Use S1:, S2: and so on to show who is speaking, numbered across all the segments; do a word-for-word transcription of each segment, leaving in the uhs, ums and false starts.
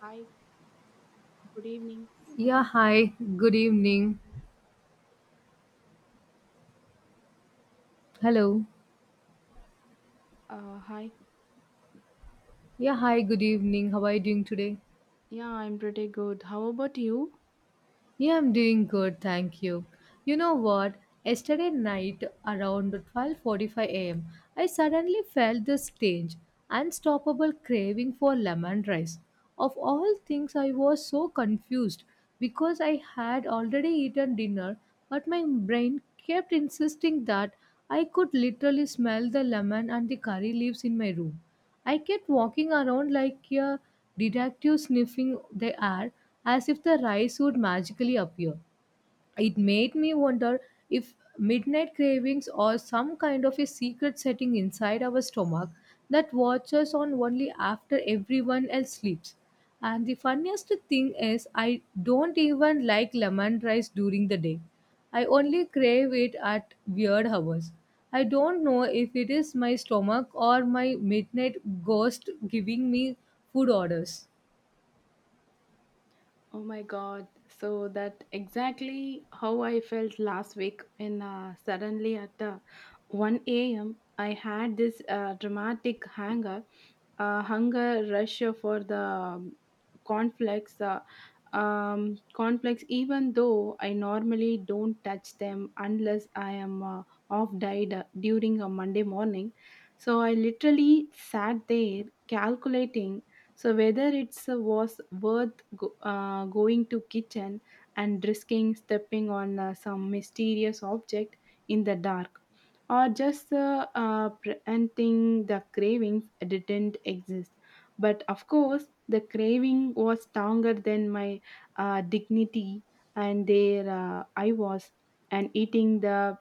S1: Hi, good evening.
S2: Yeah, hi. Good evening. Hello.
S1: Uh, hi.
S2: Yeah, hi. Good evening. How are you doing today?
S1: Yeah, I'm pretty good. How about you?
S2: Yeah, I'm doing good. Thank you. You know what? Yesterday night around twelve forty-five a m, I suddenly felt this strange, unstoppable craving for lemon rice. Of all things, I was so confused because I had already eaten dinner, but my brain kept insisting that I could literally smell the lemon and the curry leaves in my room. I kept walking around like a detective sniffing the air as if the rice would magically appear. It made me wonder if midnight cravings are some kind of a secret setting inside our stomach that watches on only after everyone else sleeps. And the funniest thing is, I don't even like lemon rice during the day. I only crave it at weird hours. I don't know if it is my stomach or my midnight ghost giving me food orders.
S1: Oh my god. So that exactly how I felt last week when uh, suddenly at uh, one a m. I had this uh, dramatic hunger, uh, hunger rush for the um, cornflakes. Uh, um, cornflakes, even though I normally don't touch them unless I am uh, off diet uh, during a Monday morning. So I literally sat there calculating so whether it's uh, was worth go, uh, going to kitchen and risking stepping on uh, some mysterious object in the dark, or just uh, uh, preventing the cravings didn't exist, but of course the craving was stronger than my uh, dignity. And there uh, I was and eating the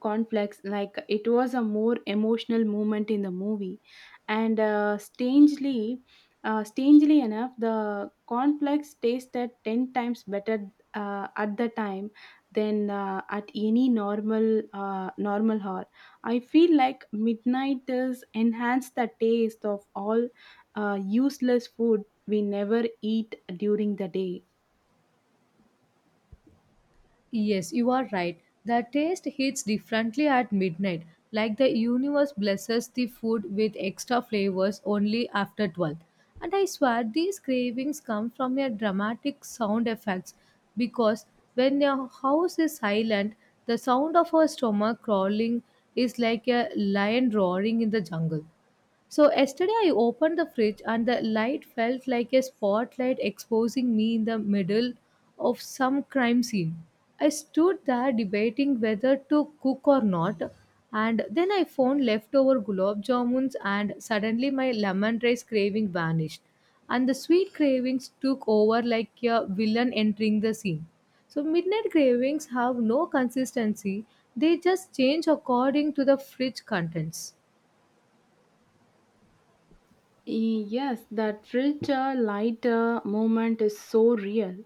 S1: conflicts like it was a more emotional moment in the movie. And uh, strangely uh, strangely enough the conflicts tasted ten times better uh, at the time than uh, at any normal uh, normal hall. I feel like midnight is enhanced the taste of all uh, useless food we never eat during the day.
S2: Yes, you are right. The taste hits differently at midnight, like the universe blesses the food with extra flavors only after twelve. And I swear these cravings come from your dramatic sound effects because when your house is silent, the sound of our stomach crawling is like a lion roaring in the jungle. So yesterday I opened the fridge and the light felt like a spotlight exposing me in the middle of some crime scene. I stood there debating whether to cook or not and then I found leftover gulab jamuns and suddenly my lemon rice craving vanished and the sweet cravings took over like a villain entering the scene. So midnight cravings have no consistency, they just change according to the fridge contents.
S1: Yes, that richer, lighter moment is so real.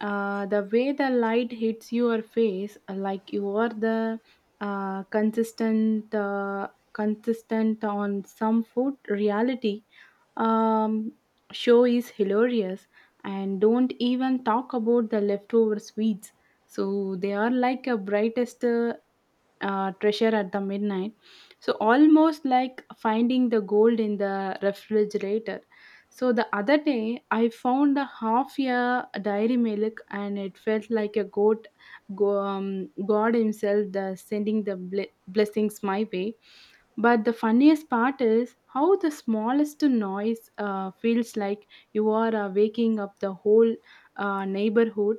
S1: Uh, the way the light hits your face, uh, like you are the uh, consistent, uh, consistent on some food reality um, show is hilarious. And don't even talk about the leftover sweets. So they are like a brightest uh, uh, treasure at the midnight. So almost like finding the gold in the refrigerator. So the other day, I found a half year dairy milk, and it felt like a goat, go, um, God Himself, the sending the ble- blessings my way. But the funniest part is how the smallest noise uh, feels like you are uh, waking up the whole uh, neighborhood,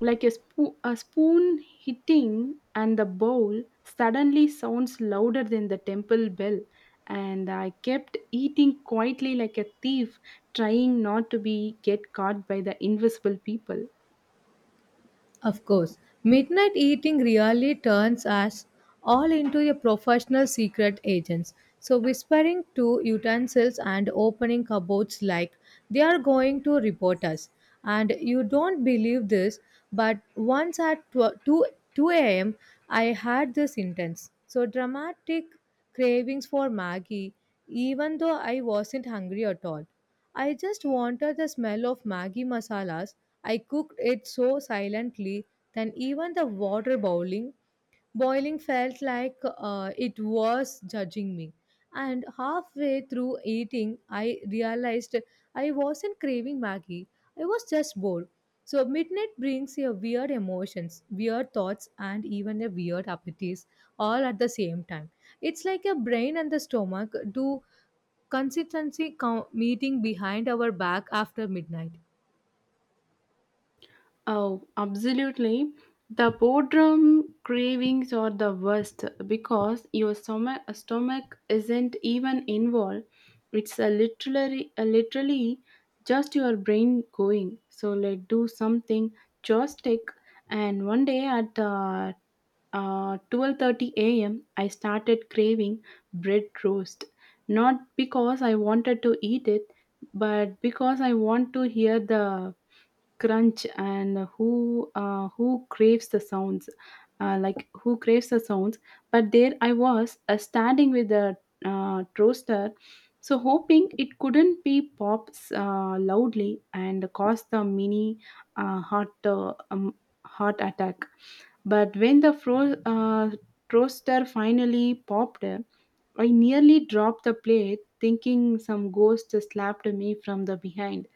S1: like a, spo- a spoon hitting and the bowl suddenly sounds louder than the temple bell. And I kept eating quietly like a thief, trying not to be get caught by the invisible people.
S2: Of course, midnight eating really turns us all into a professional secret agents. So whispering to utensils and opening cupboards like they are going to report us. And you don't believe this, but once at 12 2 two a m. I had this intense, so dramatic cravings for Maggie, even though I wasn't hungry at all. I just wanted the smell of Maggi masalas. I cooked it so silently that even the water boiling, boiling felt like uh, it was judging me. And halfway through eating, I realized I wasn't craving Maggi. I was just bored. So midnight brings your weird emotions, weird thoughts, and even a weird appetites all at the same time. It's like your brain and the stomach do consistency co- meeting behind our back after midnight.
S1: Oh, absolutely. The boredom cravings are the worst because your stomach, stomach isn't even involved. It's a literally, a literally just your brain going. So let's do something joystick. And one day at uh, uh, twelve thirty a m, I started craving bread roast. Not because I wanted to eat it, but because I want to hear the crunch. And who uh, who craves the sounds, uh, like who craves the sounds? But there I was, uh, standing with the uh, toaster, so hoping it couldn't be pops uh, loudly and cause the mini uh, heart uh, um, heart attack. But when the fro- uh, toaster finally popped, I nearly dropped the plate thinking some ghost slapped me from the behind.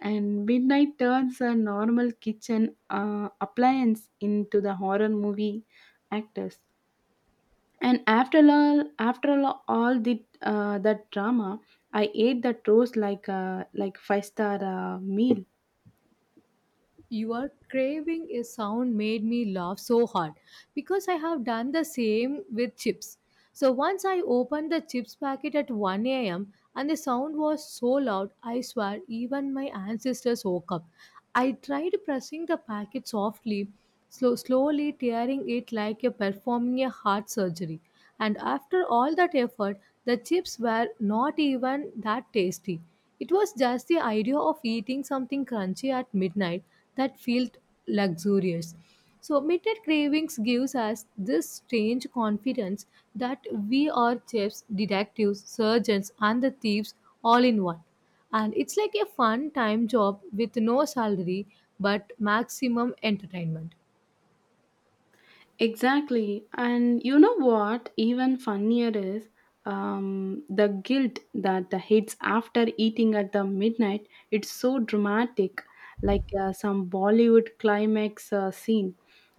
S1: And midnight turns a normal kitchen uh, appliance into the horror movie actors. And after all, after all, all the uh, that drama, I ate that roast like a like five star uh, meal.
S2: Your craving a sound made me laugh so hard because I have done the same with chips. So once I opened the chips packet at one a m and the sound was so loud, I swear even my ancestors woke up. I tried pressing the packet softly, slow, slowly tearing it like a performing a heart surgery. And after all that effort, the chips were not even that tasty. It was just the idea of eating something crunchy at midnight that felt luxurious. So, midnight cravings gives us this strange confidence that we are chefs, detectives, surgeons, and the thieves all in one. And it's like a fun time job with no salary but maximum entertainment.
S1: Exactly. And you know what? Even funnier is um, the guilt that the hits after eating at the midnight. It's so dramatic, like uh, some Bollywood climax uh, scene.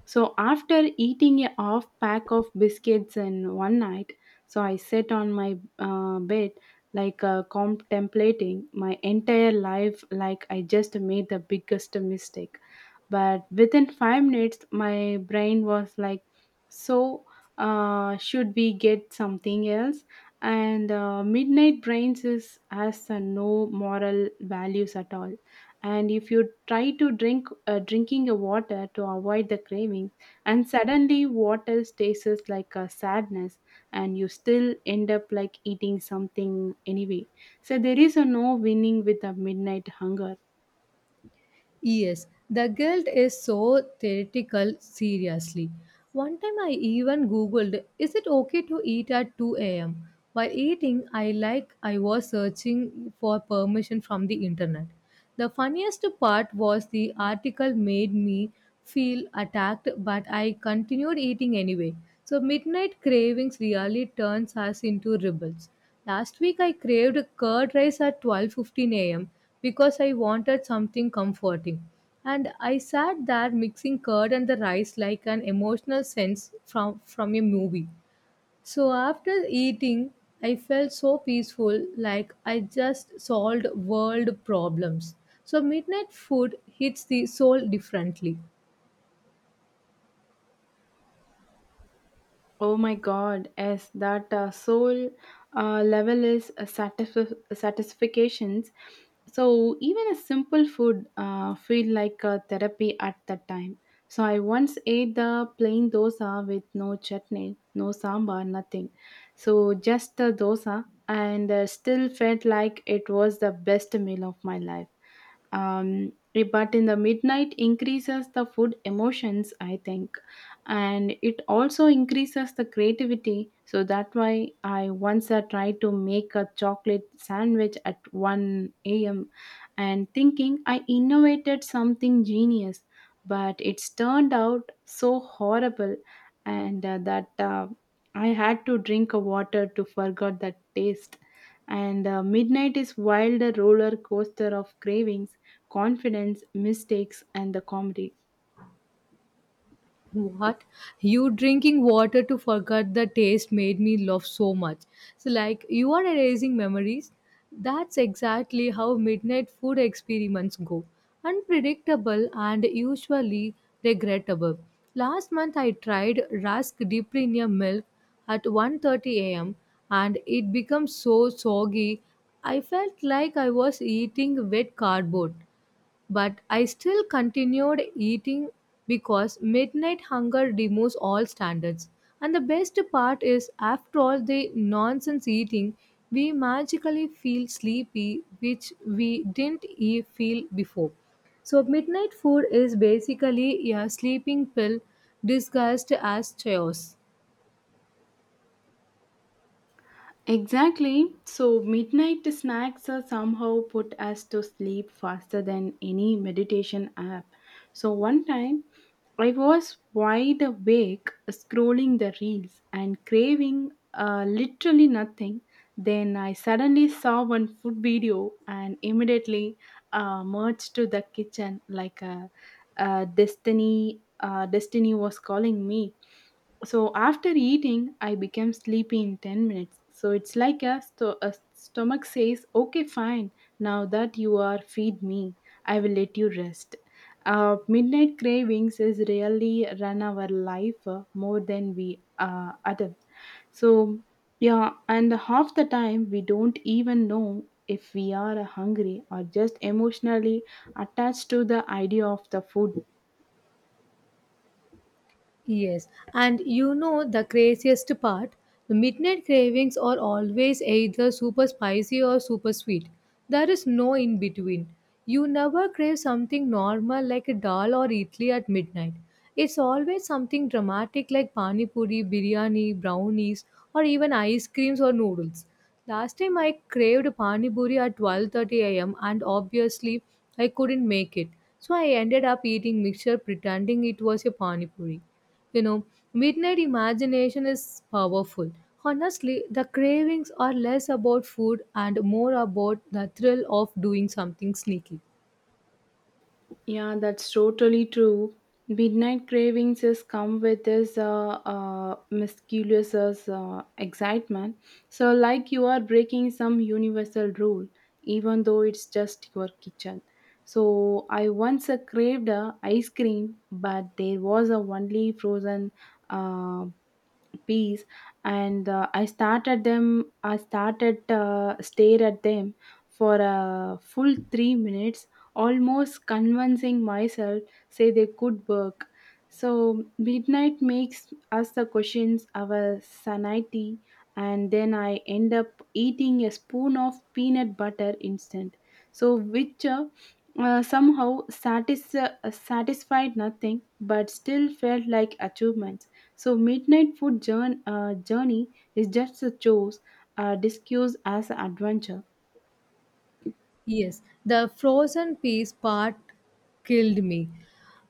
S1: So after eating a half pack of biscuits in one night, so I sat on my uh, bed like uh, contemplating my entire life, like I just made the biggest mistake. But within five minutes my brain was like, so uh, should we get something else? And uh, midnight brains is has uh, no moral values at all. And if you try to drink uh, drinking a water to avoid the craving, and suddenly water tastes like a sadness, and you still end up like eating something anyway. So there is a no winning with a midnight hunger.
S2: Yes, the guilt is so theoretical, seriously. One time I even googled, is it okay to eat at two a m? While eating, I like I was searching for permission from the internet. The funniest part was the article made me feel attacked, but I continued eating anyway. So midnight cravings really turns us into rebels. Last week I craved curd rice at twelve fifteen a m because I wanted something comforting. And I sat there mixing curd and the rice like an emotional sense from from a movie. So after eating, I felt so peaceful like I just solved world problems. So midnight food hits the soul differently.
S1: Oh my God, yes, that uh, soul uh, level is a satisf- satisfactions. So even a simple food uh, feel like a therapy at that time. So I once ate the plain dosa with no chutney, no sambar, nothing. So just the dosa, and uh, still felt like it was the best meal of my life. Um, but in the midnight increases the food emotions I think. And it also increases the creativity, so that why I once uh, tried to make a chocolate sandwich at one a m a.m and thinking I innovated something genius, but it's turned out so horrible. And uh, that uh, I had to drink a water to forget that taste. And uh, midnight is wild roller coaster of cravings, confidence, mistakes, and the comedy.
S2: What? You drinking water to forget the taste made me laugh so much. So, like, you are erasing memories. That's exactly how midnight food experiments go unpredictable and usually regrettable. Last month, I tried rusk dipped in a milk at one thirty a m and it became so soggy. I felt like I was eating wet cardboard but I still continued eating because midnight hunger removes all standards. And the best part is, after all the nonsense eating, we magically feel sleepy, which we didn't e- feel before. So, midnight food is basically a sleeping pill disguised as chaos.
S1: Exactly. So, midnight snacks are somehow put us to sleep faster than any meditation app. So, one time I was wide awake scrolling the reels and craving uh, literally nothing. Then I suddenly saw one food video and immediately uh, merged to the kitchen like a, a destiny. Uh, destiny was calling me. So after eating, I became sleepy in ten minutes. So it's like a, sto- a stomach says, okay, fine, now that you are feed me, I will let you rest. Uh, midnight cravings is really run our life uh, more than we uh, adapt. So yeah, and half the time we don't even know if we are hungry or just emotionally attached to the idea of the food.
S2: Yes, and you know the craziest part? The midnight cravings are always either super spicy or super sweet. There is no in between. You never crave something normal like a dal or idli at midnight. It's always something dramatic like pani puri, biryani, brownies, or even ice creams or noodles. Last time I craved pani puri at twelve thirty a m and obviously I couldn't make it. So I ended up eating mixture pretending it was a pani puri. You know, midnight imagination is powerful. Honestly, the cravings are less about food and more about the thrill of doing something sneaky.
S1: Yeah, that's totally true. Midnight cravings just come with this uh, uh, mysterious uh, excitement. So, like you are breaking some universal rule, even though it's just your kitchen. So, I once uh, craved uh, ice cream, but there was a only frozen uh, peace. And uh, i started them i started uh, stare at them for a full three minutes, almost convincing myself say they could work. So midnight makes us the questions our sanity. And then I end up eating a spoon of peanut butter instant, so which uh, uh, somehow satis- uh, satisfied nothing, but still felt like achievement. So midnight food jour- uh, journey is just a chore uh, disguised as an adventure.
S2: Yes, the frozen peas part killed me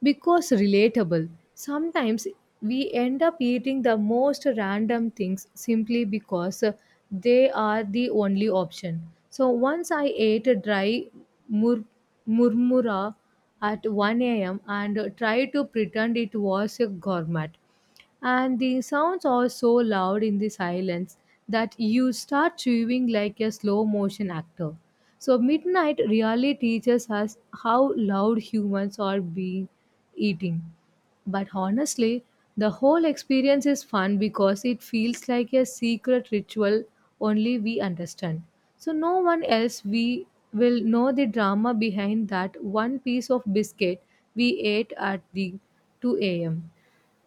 S2: because relatable. Sometimes we end up eating the most random things simply because uh, they are the only option. So once I ate a dry mur- murmura at one a m and tried to pretend it was a gourmet and the sounds are so loud in the silence that you start chewing like a slow motion actor. So, midnight really teaches us how loud humans are being eating. But honestly, the whole experience is fun because it feels like a secret ritual only we understand. So, no one else we will know the drama behind that one piece of biscuit we ate at the two a m.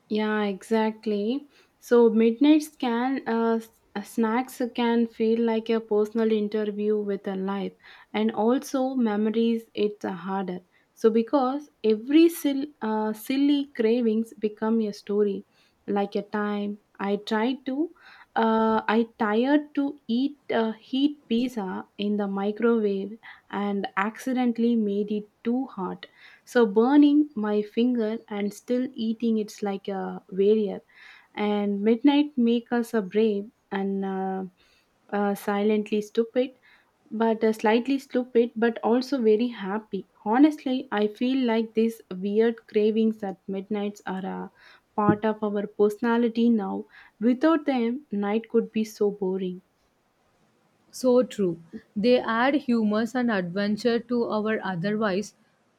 S1: Yeah, exactly. So midnight scan uh, s- uh, snacks can feel like a personal interview with a life, and also memories. It's uh, harder. So because every sil- uh, silly cravings become a story, like a time I tried to, uh, I tired to eat uh, heat pizza in the microwave and accidentally made it too hot. So burning my finger and still eating it's like a warrior. And midnight make us a brave and uh, uh, silently stupid, but uh, slightly stupid, but also very happy. Honestly, I feel like these weird cravings at midnights are a part of our personality now. Without them, night could be so boring.
S2: So true. They add humor and adventure to our otherwise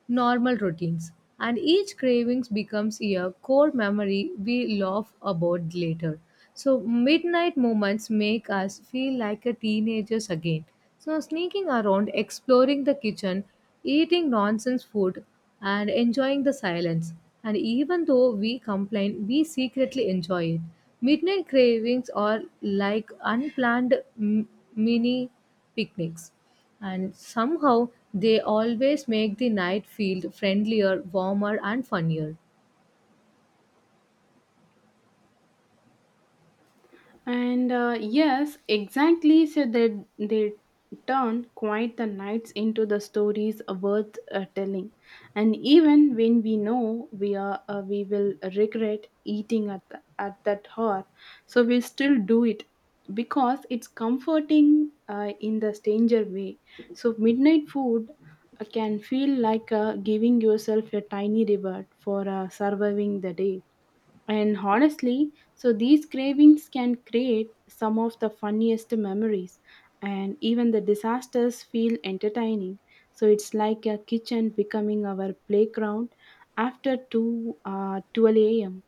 S2: normal routines, and each cravings becomes a core memory we laugh about later. So midnight moments make us feel like a teenagers again. So sneaking around, exploring the kitchen, eating nonsense food and enjoying the silence. And even though we complain, we secretly enjoy it. Midnight cravings are like unplanned m- mini picnics, and somehow they always make the night feel friendlier, warmer, and funnier.
S1: And uh, yes, exactly. So they they turn quite the nights into the stories worth uh, telling. And even when we know we are uh, we will regret eating at the, at that hour, so we still do it because it's comforting uh, in the stranger way. So midnight food uh, can feel like uh, giving yourself a tiny reward for uh, surviving the day. And honestly, so these cravings can create some of the funniest memories, and even the disasters feel entertaining. So it's like a kitchen becoming our playground after two uh, twelve a m.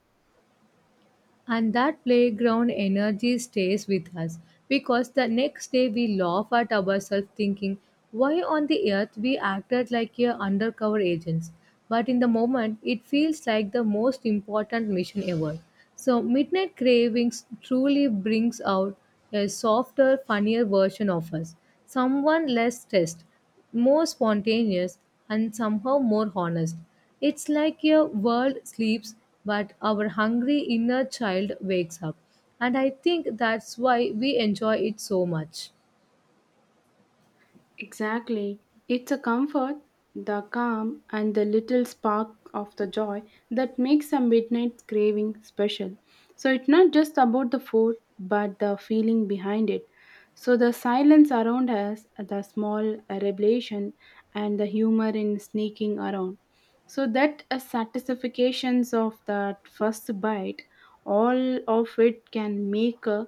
S2: And that playground energy stays with us because the next day we laugh at ourselves thinking, why on the earth we acted like a undercover agents? But in the moment, it feels like the most important mission ever. So, Midnight Cravings truly brings out a softer, funnier version of us, someone less stressed, more spontaneous and somehow more honest. It's like your world sleeps, but our hungry inner child wakes up. And I think that's why we enjoy it so much.
S1: Exactly. It's a comfort, the calm, and the little spark of the joy that makes a midnight craving special. So it's not just about the food, but the feeling behind it. So the silence around us, the small revelation, and the humor in sneaking around. So that uh, satisfactions of that first bite, all of it can make a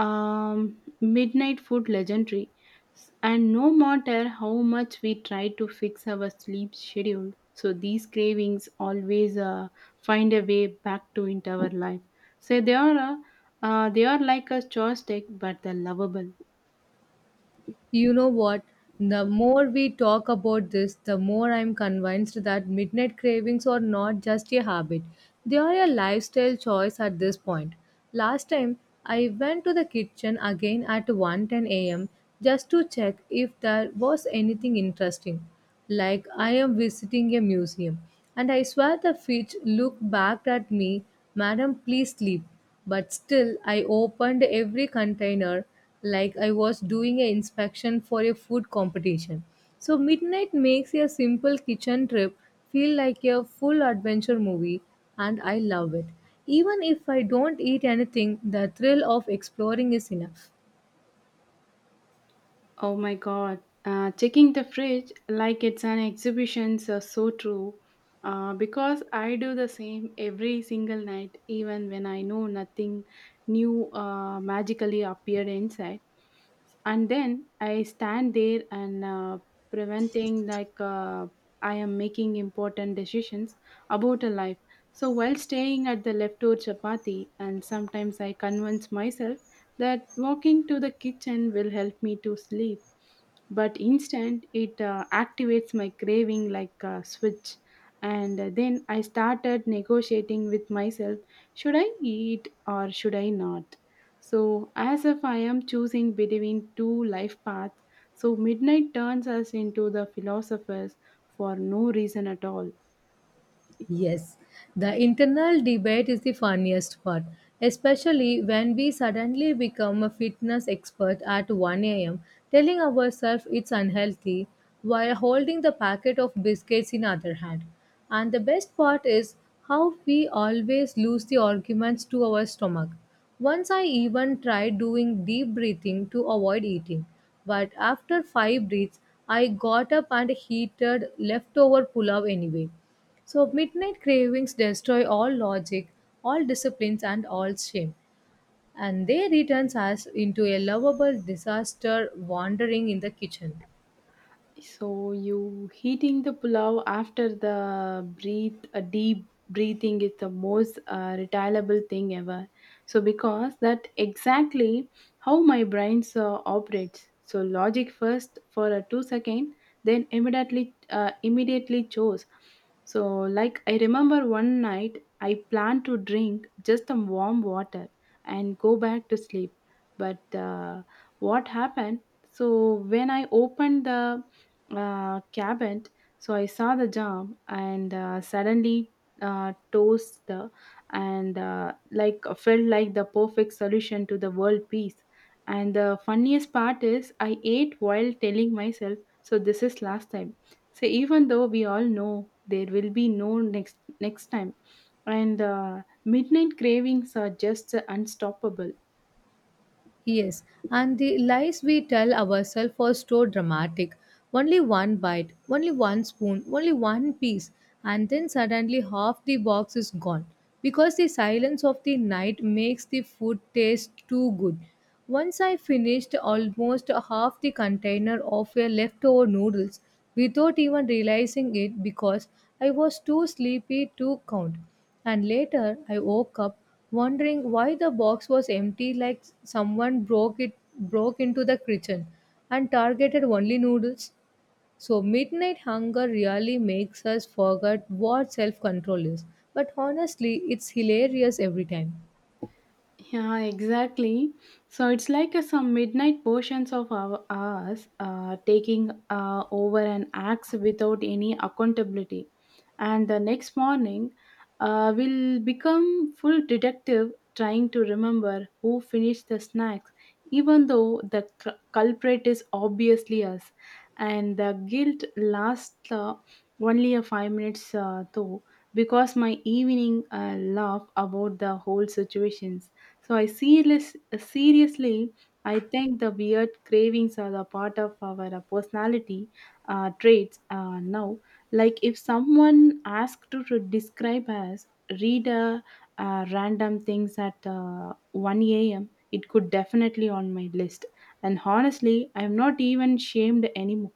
S1: um, midnight food legendary. And no matter how much we try to fix our sleep schedule, so these cravings always uh, find a way back to into our life. So they are a, uh, they are like a joystick, but they're lovable.
S2: You know what? The more we talk about this, the more I'm convinced that midnight cravings are not just a habit, they are a lifestyle choice at this point. Last time, I went to the kitchen again at one ten a m just to check if there was anything interesting, like I am visiting a museum. And I swear the fish looked back at me, Madam, please sleep. But still, I opened every container like I was doing an inspection for a food competition. So, midnight makes a simple kitchen trip feel like a full adventure movie, and I love it. Even if I don't eat anything, the thrill of exploring is enough.
S1: Oh my god, uh, checking the fridge like it's an exhibition is uh, so true. Uh, because I do the same every single night, even when I know nothing new uh, magically appeared inside. And then I stand there and uh, preventing like uh, I am making important decisions about a life. So while staying at the leftover chapati, and sometimes I convince myself that walking to the kitchen will help me to sleep, but instant it uh, activates my craving like a switch. And then I started negotiating with myself, should I eat or should I not, so as if I am choosing between two life paths. So midnight turns us into the philosophers for no reason at all.
S2: Yes, the internal debate is the funniest part, especially when we suddenly become a fitness expert at one a m, telling ourselves it's unhealthy while holding the packet of biscuits in other hand. And the best part is how we always lose the arguments to our stomach. Once I even tried doing deep breathing to avoid eating, but after five breaths, I got up and heated leftover pulao anyway. So, midnight cravings destroy all logic, all disciplines, and all shame, and they returns us into a lovable disaster wandering in the kitchen.
S1: So you heating the pulao after the breathe a deep breathing is the most uh, retailable thing ever. So because that exactly how my brain uh, operates. So logic first for a two second, then immediately uh, immediately chose. So like I remember one night I planned to drink just some warm water and go back to sleep. But uh, what happened? So when I opened the uh, cabinet. So I saw the jam and uh, suddenly uh, toast uh, and uh, like felt like the perfect solution to the world peace. And the funniest part is I ate while telling myself, so this is last time. So even though we all know there will be no next next time, and uh, midnight cravings are just unstoppable.
S2: Yes, and the lies we tell ourselves are so dramatic. Only one bite, only one spoon, only one piece, and then suddenly half the box is gone. Because the silence of the night makes the food taste too good. Once I finished almost half the container of a leftover noodles without even realizing it because I was too sleepy to count. And later I woke up wondering why the box was empty like someone broke it broke into the kitchen and targeted only noodles. So midnight hunger really makes us forget what self control is but honestly it's hilarious every time.
S1: Yeah, exactly. So it's like uh, some midnight portions of our hours uh, taking uh, over an acts without any accountability. And the next morning uh, will become full detective, trying to remember who finished the snacks, even though the cul- culprit is obviously us. And the guilt lasts uh, only a five minutes uh, though because my evening uh, laugh about the whole situations. So I serious, seriously I think the weird cravings are the part of our personality uh, traits uh, now. Like if someone asked to, to describe us, read uh, uh, random things at uh, one a m, it could definitely on my list. And honestly, I'm not even shamed anymore.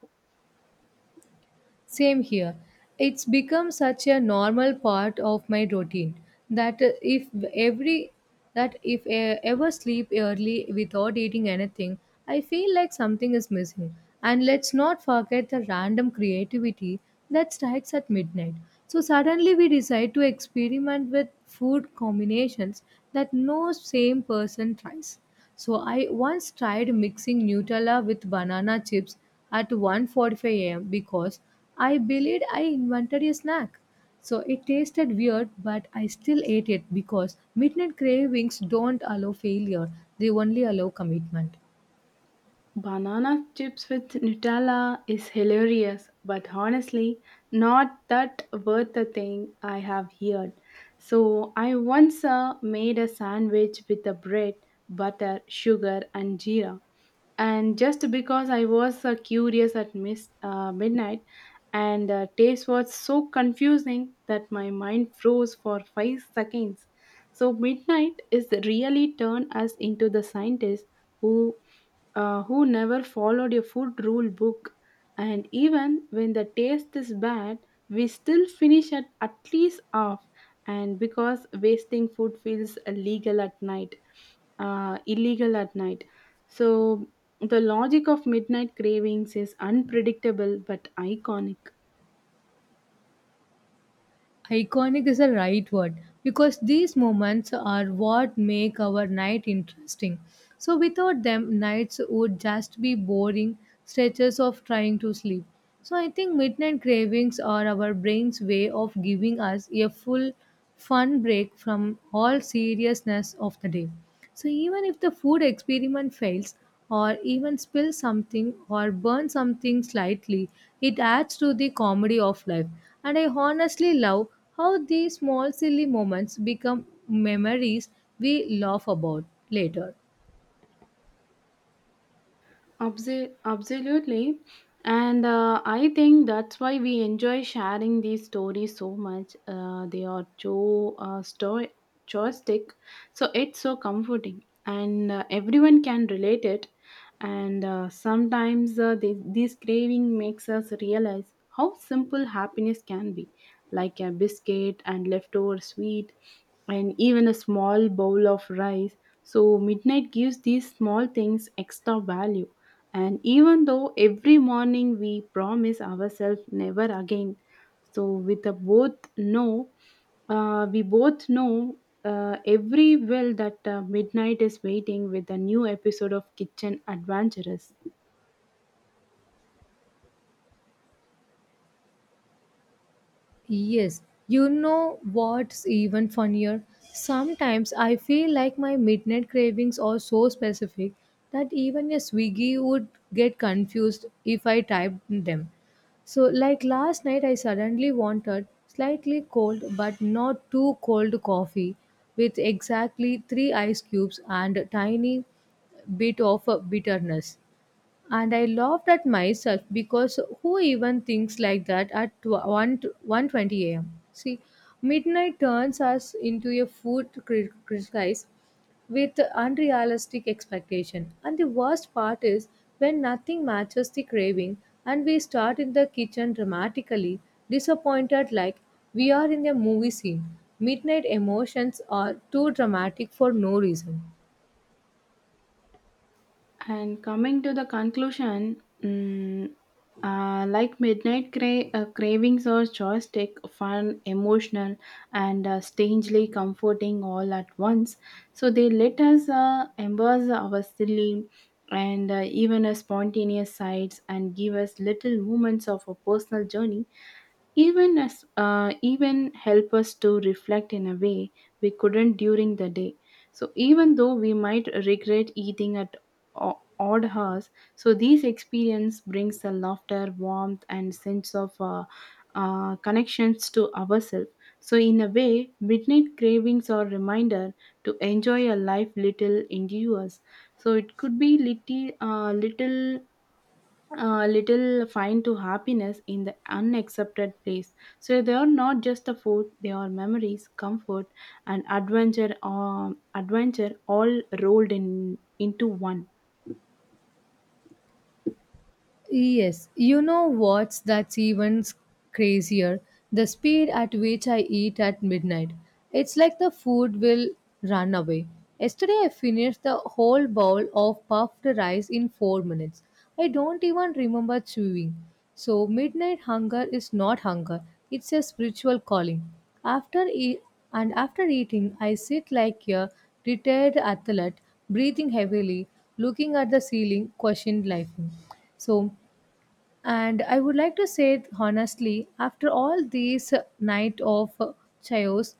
S2: Same here. It's become such a normal part of my routine that uh, if every that if I ever sleep early without eating anything, I feel like something is missing. And let's not forget the random creativity that strikes at midnight. So suddenly we decide to experiment with food combinations that no same person tries. So I once tried mixing Nutella with banana chips at one forty-five a m because I believed I invented a snack. So it tasted weird, but I still ate it because midnight cravings don't allow failure, they only allow commitment.
S1: Banana chips with Nutella is hilarious, but honestly, not that worth a thing I have heard. So, I once uh, made a sandwich with a bread, butter, sugar, and jeera. And just because I was uh, curious at mis- uh, midnight, and uh, taste was so confusing that my mind froze for five seconds. So, midnight is really turned us into the scientists who uh, who never followed a food rule book. And even when the taste is bad, we still finish at at least half. And because wasting food feels illegal at night, uh, illegal at night. So the logic of midnight cravings is unpredictable but iconic.
S2: Iconic is the right word because these moments are what make our night interesting. So, without them, nights would just be boring stretches of trying to sleep. So, I think midnight cravings are our brain's way of giving us a full, fun break from all seriousness of the day. So even if the food experiment fails or even spills something or burns something slightly, it adds to the comedy of life. And I honestly love how these small silly moments become memories we laugh about later.
S1: Abso- absolutely. And uh, I think that's why we enjoy sharing these stories so much. Uh, they are so uh, sto- joystick, so it's so comforting, and uh, everyone can relate it. And uh, sometimes uh, this, this craving makes us realize how simple happiness can be, like a biscuit and leftover sweet and even a small bowl of rice. So midnight gives these small things extra value. And even though every morning we promise ourselves never again, so with a both no uh, we both know uh, every well that uh, midnight is waiting with a new episode of Kitchen Adventurous.
S2: Yes, you know what's even funnier? Sometimes I feel like my midnight cravings are so specific that even a Swiggy would get confused if I typed them. So, like last night, I suddenly wanted slightly cold but not too cold coffee with exactly three ice cubes and a tiny bit of uh, bitterness and I laughed at myself because who even thinks like that at tw- 1 t- one twenty a m. See, midnight turns us into a food cri- crisis with unrealistic expectation. And the worst part is when nothing matches the craving and we start in the kitchen dramatically disappointed like we are in a movie scene. Midnight emotions are too dramatic for no reason.
S1: And coming to the conclusion, mm, uh, like midnight cra- uh, cravings are joystick, fun, emotional, and uh, strangely comforting all at once. So they let us uh, embrace our silly and uh, even a spontaneous sides and give us little moments of a personal journey, even as uh, even help us to reflect in a way we couldn't during the day. So even though we might regret eating at o- odd hours, so these experience brings a laughter warmth and sense of uh, uh, connections to ourselves. So in a way midnight cravings are reminder to enjoy a life little endures. So it could be little uh, little a little find to happiness in the unaccepted place. So they are not just the food; they are memories, comfort, and adventure. Um, adventure all rolled in into one.
S2: Yes, you know what's that's even crazier? The speed at which I eat at midnight. It's like the food will run away. Yesterday I finished the whole bowl of puffed rice in four minutes. I don't even remember chewing. So midnight hunger is not hunger. It's a spiritual calling. After e- and after eating I sit like a retired athlete, breathing heavily, looking at the ceiling, questioned life. So and I would like to say it honestly, after all these uh, night of uh, chaos,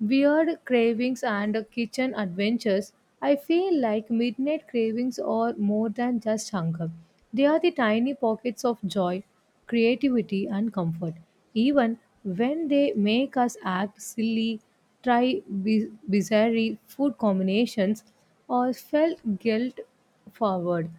S2: weird cravings and uh, kitchen adventures, I feel like midnight cravings are more than just hunger. They are the tiny pockets of joy, creativity and comfort. Even when they make us act silly, try bi- bizarre food combinations or felt guilt forward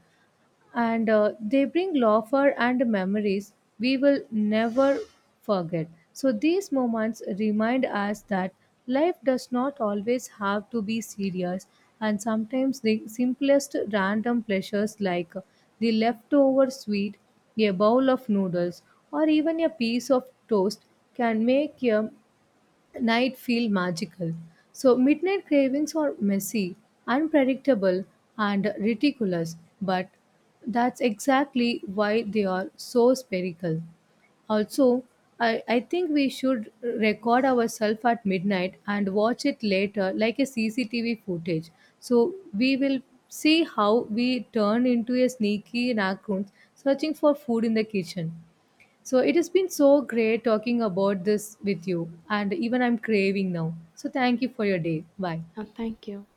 S2: and uh, they bring laughter and memories we will never forget. So these moments remind us that life does not always have to be serious, and sometimes the simplest random pleasures, like the leftover sweet, a bowl of noodles, or even a piece of toast, can make a night feel magical. So, midnight cravings are messy, unpredictable, and ridiculous, but that's exactly why they are so spherical. Also, I, I think we should record ourselves at midnight and watch it later like a C C T V footage. So we will see how we turn into a sneaky raccoon searching for food in the kitchen. So it has been so great talking about this with you, and even I'm craving now. So thank you for your day. Bye.
S1: Yeah, thank you.